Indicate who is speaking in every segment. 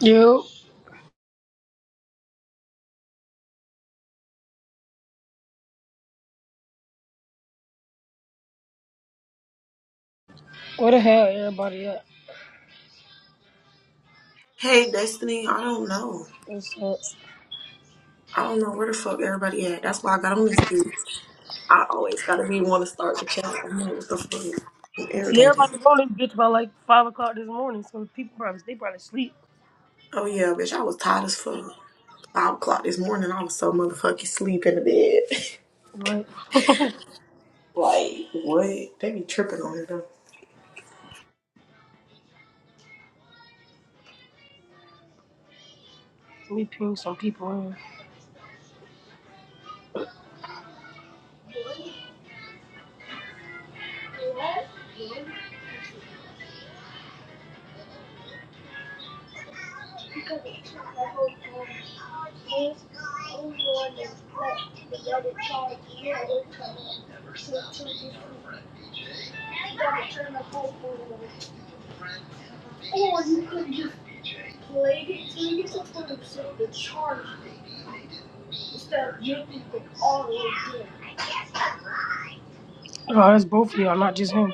Speaker 1: Yo, where the hell everybody at?
Speaker 2: Hey, Destiny, I don't know.
Speaker 1: What's up?
Speaker 2: I don't know where the fuck everybody at. That's why I got on these dudes. I always gotta be want to start the chat. I'm like, what the fuck? I'm
Speaker 1: See,
Speaker 2: irritated.
Speaker 1: everybody's on this bitch by like five o'clock this morning, so people probably they probably sleep.
Speaker 2: Oh yeah, bitch, I was tired as fuck. Five o'clock this morning, I was so motherfucking sleep in the bed.
Speaker 1: Right? Let
Speaker 2: like, what? They be tripping on it though.
Speaker 1: me ping some people in. Oh, that's both of y'all, not just him.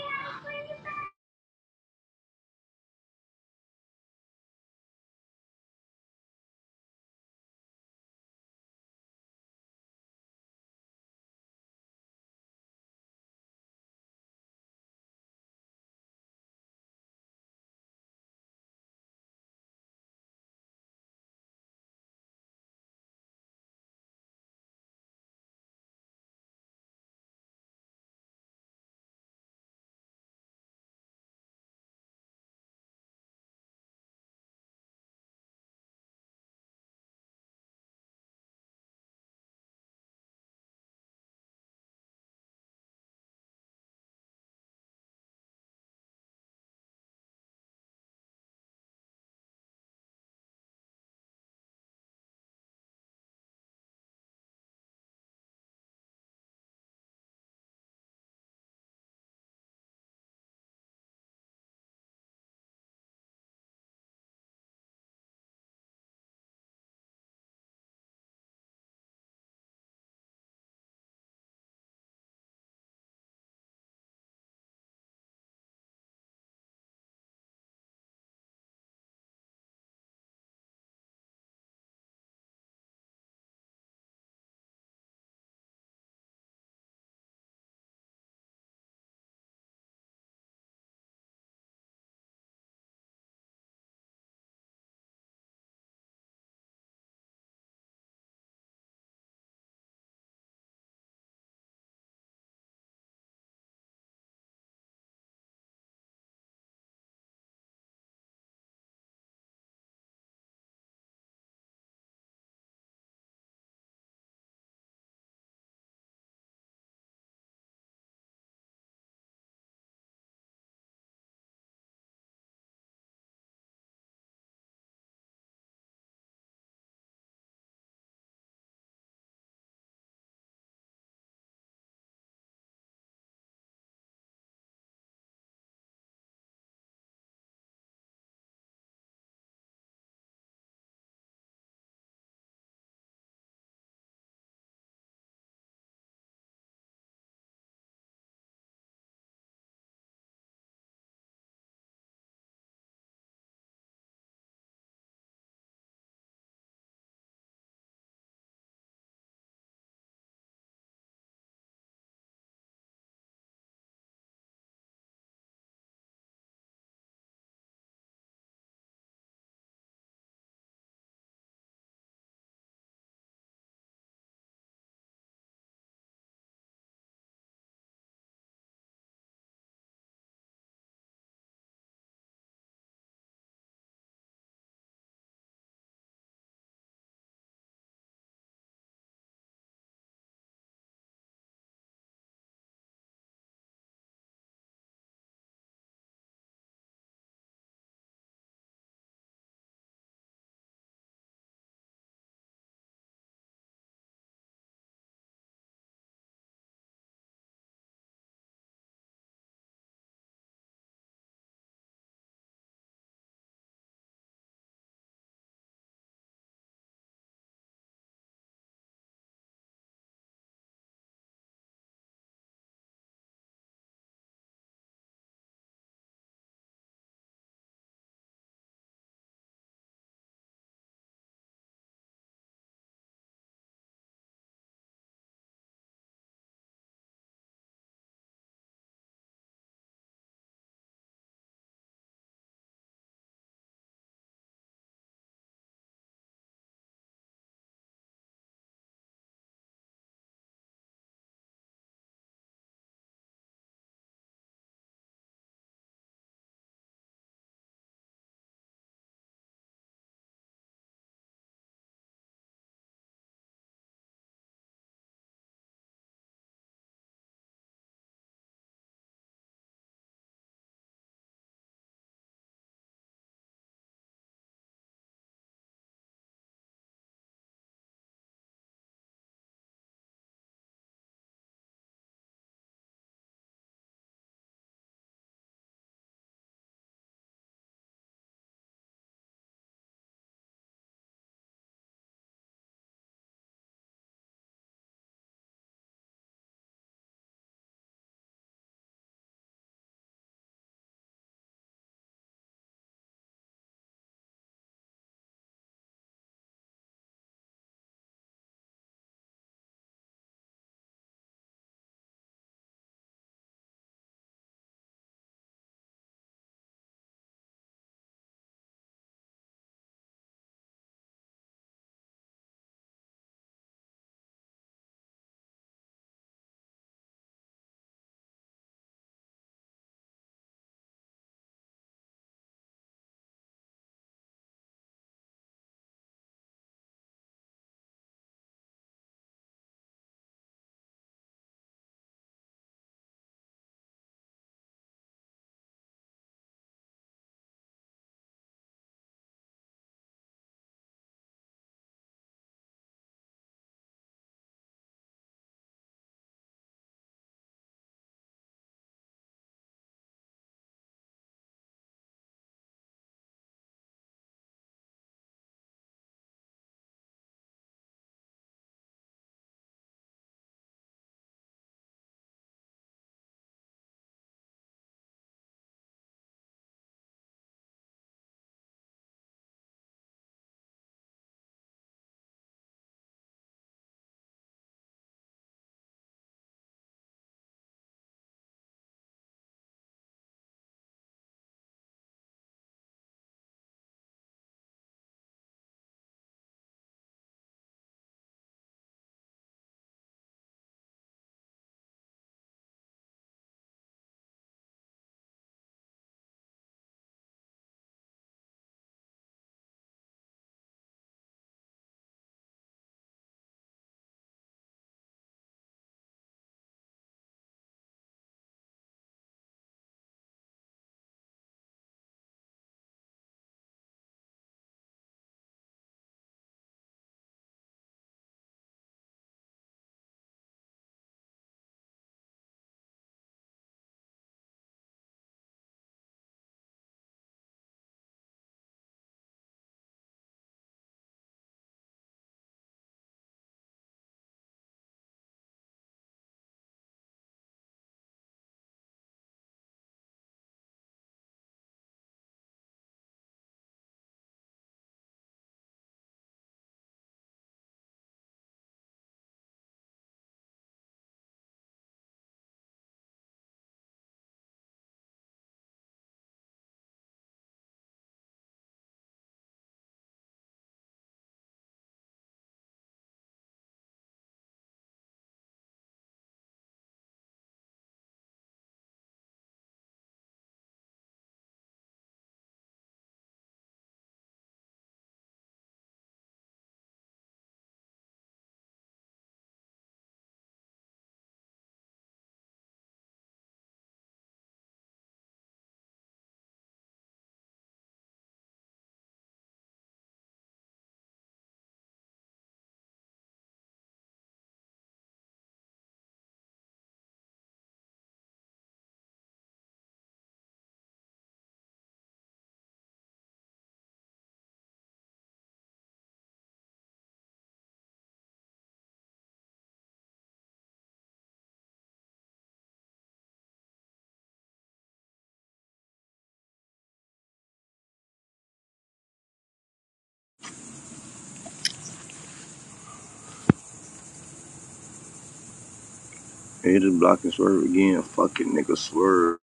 Speaker 3: He just block and Swerve again. Fucking nigga Swerve.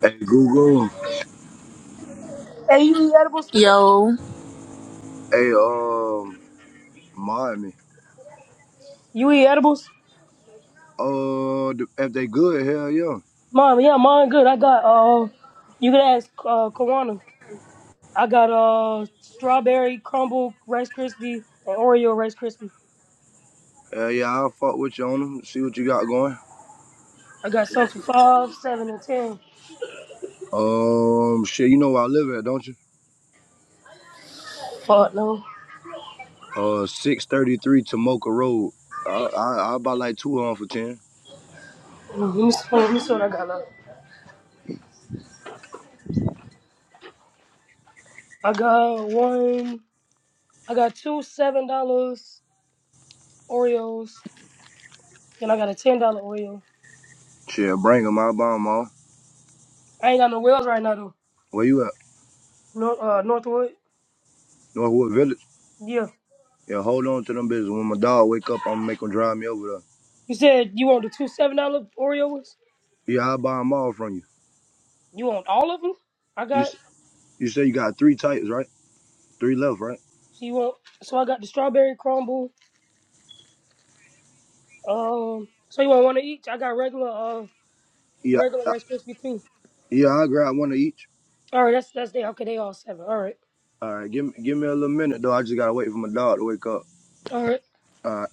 Speaker 3: Hey Google.
Speaker 1: Hey, you eat edibles, Trey?
Speaker 2: Yo.
Speaker 3: Hey um Miami.
Speaker 1: You eat edibles?
Speaker 3: Uh, th- if they good, hell yeah.
Speaker 1: Mom, yeah, mine good. I got uh, you can ask uh, Kawana. I got uh, strawberry crumble Rice krispie, and Oreo Rice krispie.
Speaker 3: Hell yeah, I'll fuck with you on them. See what you got going.
Speaker 1: I got some for five, seven, and ten.
Speaker 3: Um, shit, you know where I live at, don't you?
Speaker 1: Fuck no.
Speaker 3: Uh, six thirty three Tomoka Road. I I I buy like two on for ten.
Speaker 1: Let me, see, let me see what I got left. I got one. I got two seven dollars Oreos, and I got a ten dollar Oreo.
Speaker 3: Shit, bring 'em. I'll buy 'em all.
Speaker 1: I ain't got no whales right now though.
Speaker 3: Where you at?
Speaker 1: North, uh, Northwood.
Speaker 3: Northwood Village.
Speaker 1: Yeah.
Speaker 3: Yeah, hold on to them bitches. When my dog wake up, I'm gonna make him drive me over
Speaker 1: You said you want the two seven dollar Oreos.
Speaker 3: there. Yeah, I'll buy 'em all from you.
Speaker 1: You want all of them? I
Speaker 3: You
Speaker 1: got.
Speaker 3: s- you say you got three types, right? Three left, right?
Speaker 1: So you want? So I got the strawberry crumble. Um. So you want one of each? I got regular. Uh,
Speaker 3: Yeah,
Speaker 1: regular
Speaker 3: uh,
Speaker 1: Rice Krispie too.
Speaker 3: yeah, I'll grab one of each.
Speaker 1: All right. That's that's they. Okay, they all seven. All right.
Speaker 3: All right, give me give me a little minute though. I just gotta wait for my dog to wake up.
Speaker 1: All right.
Speaker 3: All right.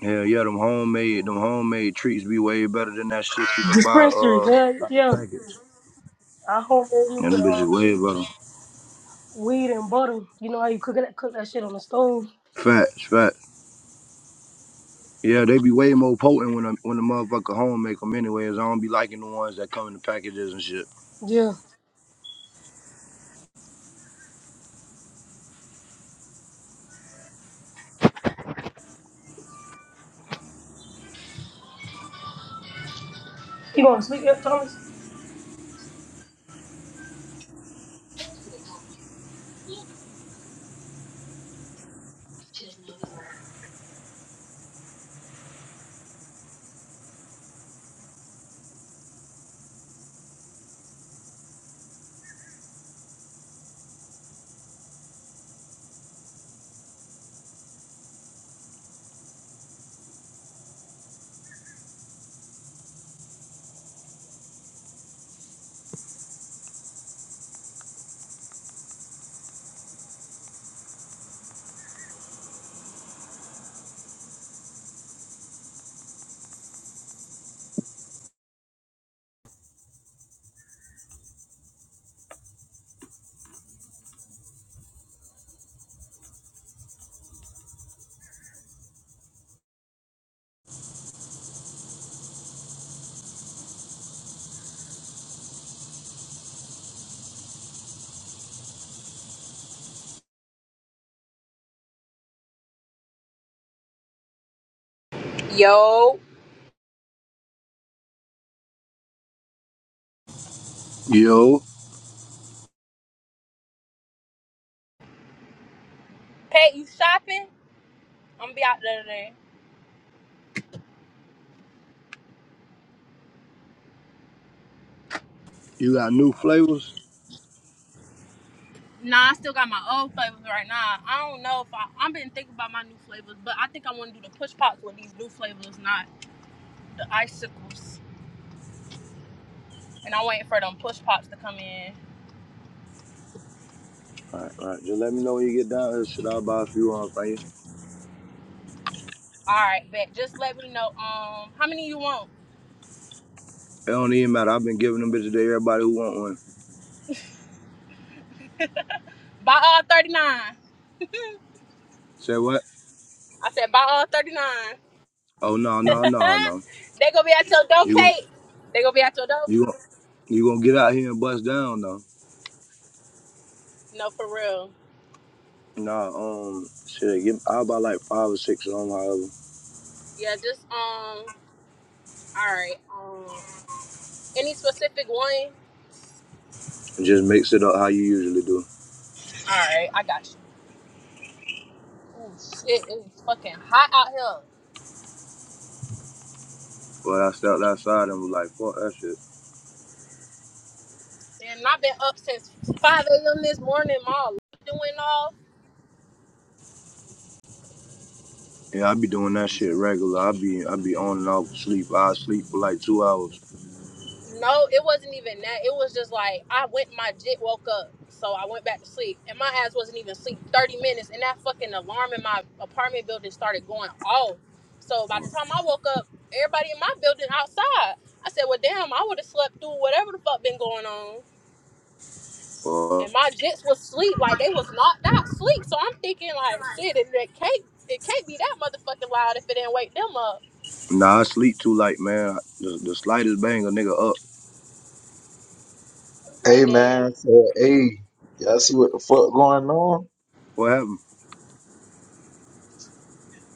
Speaker 3: Hell yeah, them homemade them homemade treats be way better than that shit you can buy
Speaker 1: Dispensary.
Speaker 3: uh
Speaker 1: Yeah. Yeah.
Speaker 3: packets.
Speaker 1: I homemade, they use it.
Speaker 3: And
Speaker 1: with
Speaker 3: them
Speaker 1: uh,
Speaker 3: bitches way better.
Speaker 1: weed and butter. You know how you cook that cook that shit on the stove?
Speaker 3: Facts, facts. Yeah, they be way more potent when a when the motherfucker home make them. anyways. I don't be liking the ones that come in the packages and shit.
Speaker 1: Yeah. You gonna speak up, Thomas?
Speaker 4: Yo,
Speaker 3: Yo,
Speaker 4: Pat, you shopping? I'm gonna be out there today.
Speaker 3: you got new flavors?
Speaker 4: Nah, I still got my old flavors right now. I don't know if I I've been thinking about my new flavors, but I think I want to do the push pops with these new flavors, not the icicles. And I'm waiting for them push pops to come in.
Speaker 3: All right, all right. Just let me know when you get down here. Shit, I'll buy a few on for you.
Speaker 4: All right, bet. Just let me know. Um, how many you want?
Speaker 3: It don't even matter. I've been giving them bitches to everybody who want one.
Speaker 4: Buy all 39. I
Speaker 3: Say what?
Speaker 4: said buy all 39.
Speaker 3: Oh no no no no.
Speaker 4: they gonna be at your door,
Speaker 3: You gon'
Speaker 4: Kate. They gonna be at your door.
Speaker 3: you gon' you gonna get out here and bust down though.
Speaker 4: No, for real.
Speaker 3: Nah, um, shit, give, i buy like five or six of them, however,
Speaker 4: Yeah, just um. All right. Um. Any specific one? All
Speaker 3: and just mix it up how you usually do.
Speaker 4: right, I got you. Oh shit, it is fucking hot out here.
Speaker 3: But I stepped outside and was like, fuck that shit.
Speaker 4: Man, I've been up since 5 a.m. this morning. My alarm went off.
Speaker 3: Yeah, I be doing that shit regular. I be I be on and off sleep. I sleep for like two hours.
Speaker 4: No, it wasn't even that. It was just like I went. My jit woke up, so I went back to sleep, and my ass wasn't even asleep 30 minutes, and that fucking alarm in my apartment building started going off. So by the time I woke up, everybody in my building outside. I said, "Well, damn, I would have slept through whatever the fuck been going on."
Speaker 3: Uh,
Speaker 4: and my jets was sleep like they was knocked out sleep. So I'm thinking like, shit, it, it can't it can't be that motherfucking loud if it didn't wake them up.
Speaker 3: nah, I sleep too late, man. The, the slightest bang a nigga up.
Speaker 5: Hey
Speaker 4: And
Speaker 5: man,
Speaker 4: then
Speaker 5: I said, hey, y'all see what the fuck going on?
Speaker 3: What happened?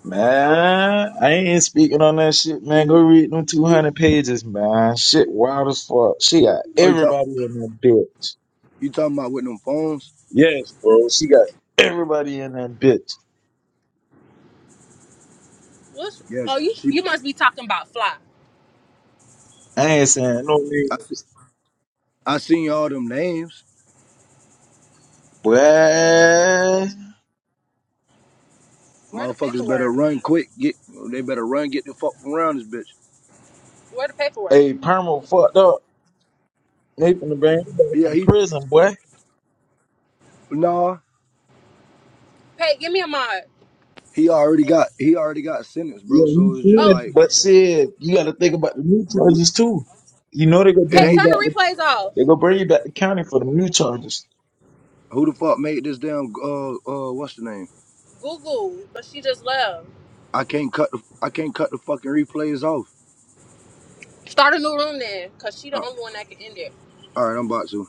Speaker 5: Man, I ain't speaking on that shit, man. Go read them 200 pages, man. Shit wild as fuck. She got
Speaker 3: Oh, you talk,
Speaker 5: everybody in that bitch.
Speaker 3: you talking about with them phones?
Speaker 5: Yes, bro. She got everybody in that bitch.
Speaker 4: what's
Speaker 3: Yeah,
Speaker 4: oh you
Speaker 3: she.
Speaker 4: you must be talking about fly.
Speaker 5: I ain't saying no
Speaker 3: I, se-
Speaker 5: names.
Speaker 3: I seen all them names.
Speaker 5: Boy.
Speaker 4: Where the
Speaker 3: Motherfuckers better
Speaker 4: paperwork?
Speaker 3: run quick. Get they better run. Get the fuck from around this bitch.
Speaker 4: Where the paperwork?
Speaker 5: Hey, Perma fucked up. Nathan the bring him back
Speaker 3: Yeah,
Speaker 5: from
Speaker 3: he
Speaker 5: prison, boy.
Speaker 3: nah.
Speaker 4: Pay, give me a mod.
Speaker 3: He already got he already got sentenced,
Speaker 5: Yeah,
Speaker 3: bro.
Speaker 5: he
Speaker 3: So it's just
Speaker 4: Oh,
Speaker 5: finished,
Speaker 3: like,
Speaker 5: but said, you gotta think about the new
Speaker 3: bro,
Speaker 5: charges too. You know they gonna
Speaker 3: it
Speaker 5: bring
Speaker 4: Pay,
Speaker 5: you
Speaker 3: ain't
Speaker 4: turn
Speaker 5: back
Speaker 3: no
Speaker 4: the replays off.
Speaker 5: They're gonna bring you back to county for the new charges.
Speaker 3: who the fuck made this damn uh uh what's the name?
Speaker 4: Google, but she just left.
Speaker 3: I can't cut the I can't cut the fucking replays off.
Speaker 4: Start a new room then, cause she the
Speaker 3: Uh,
Speaker 4: only one that can end it.
Speaker 3: all right, I'm about to.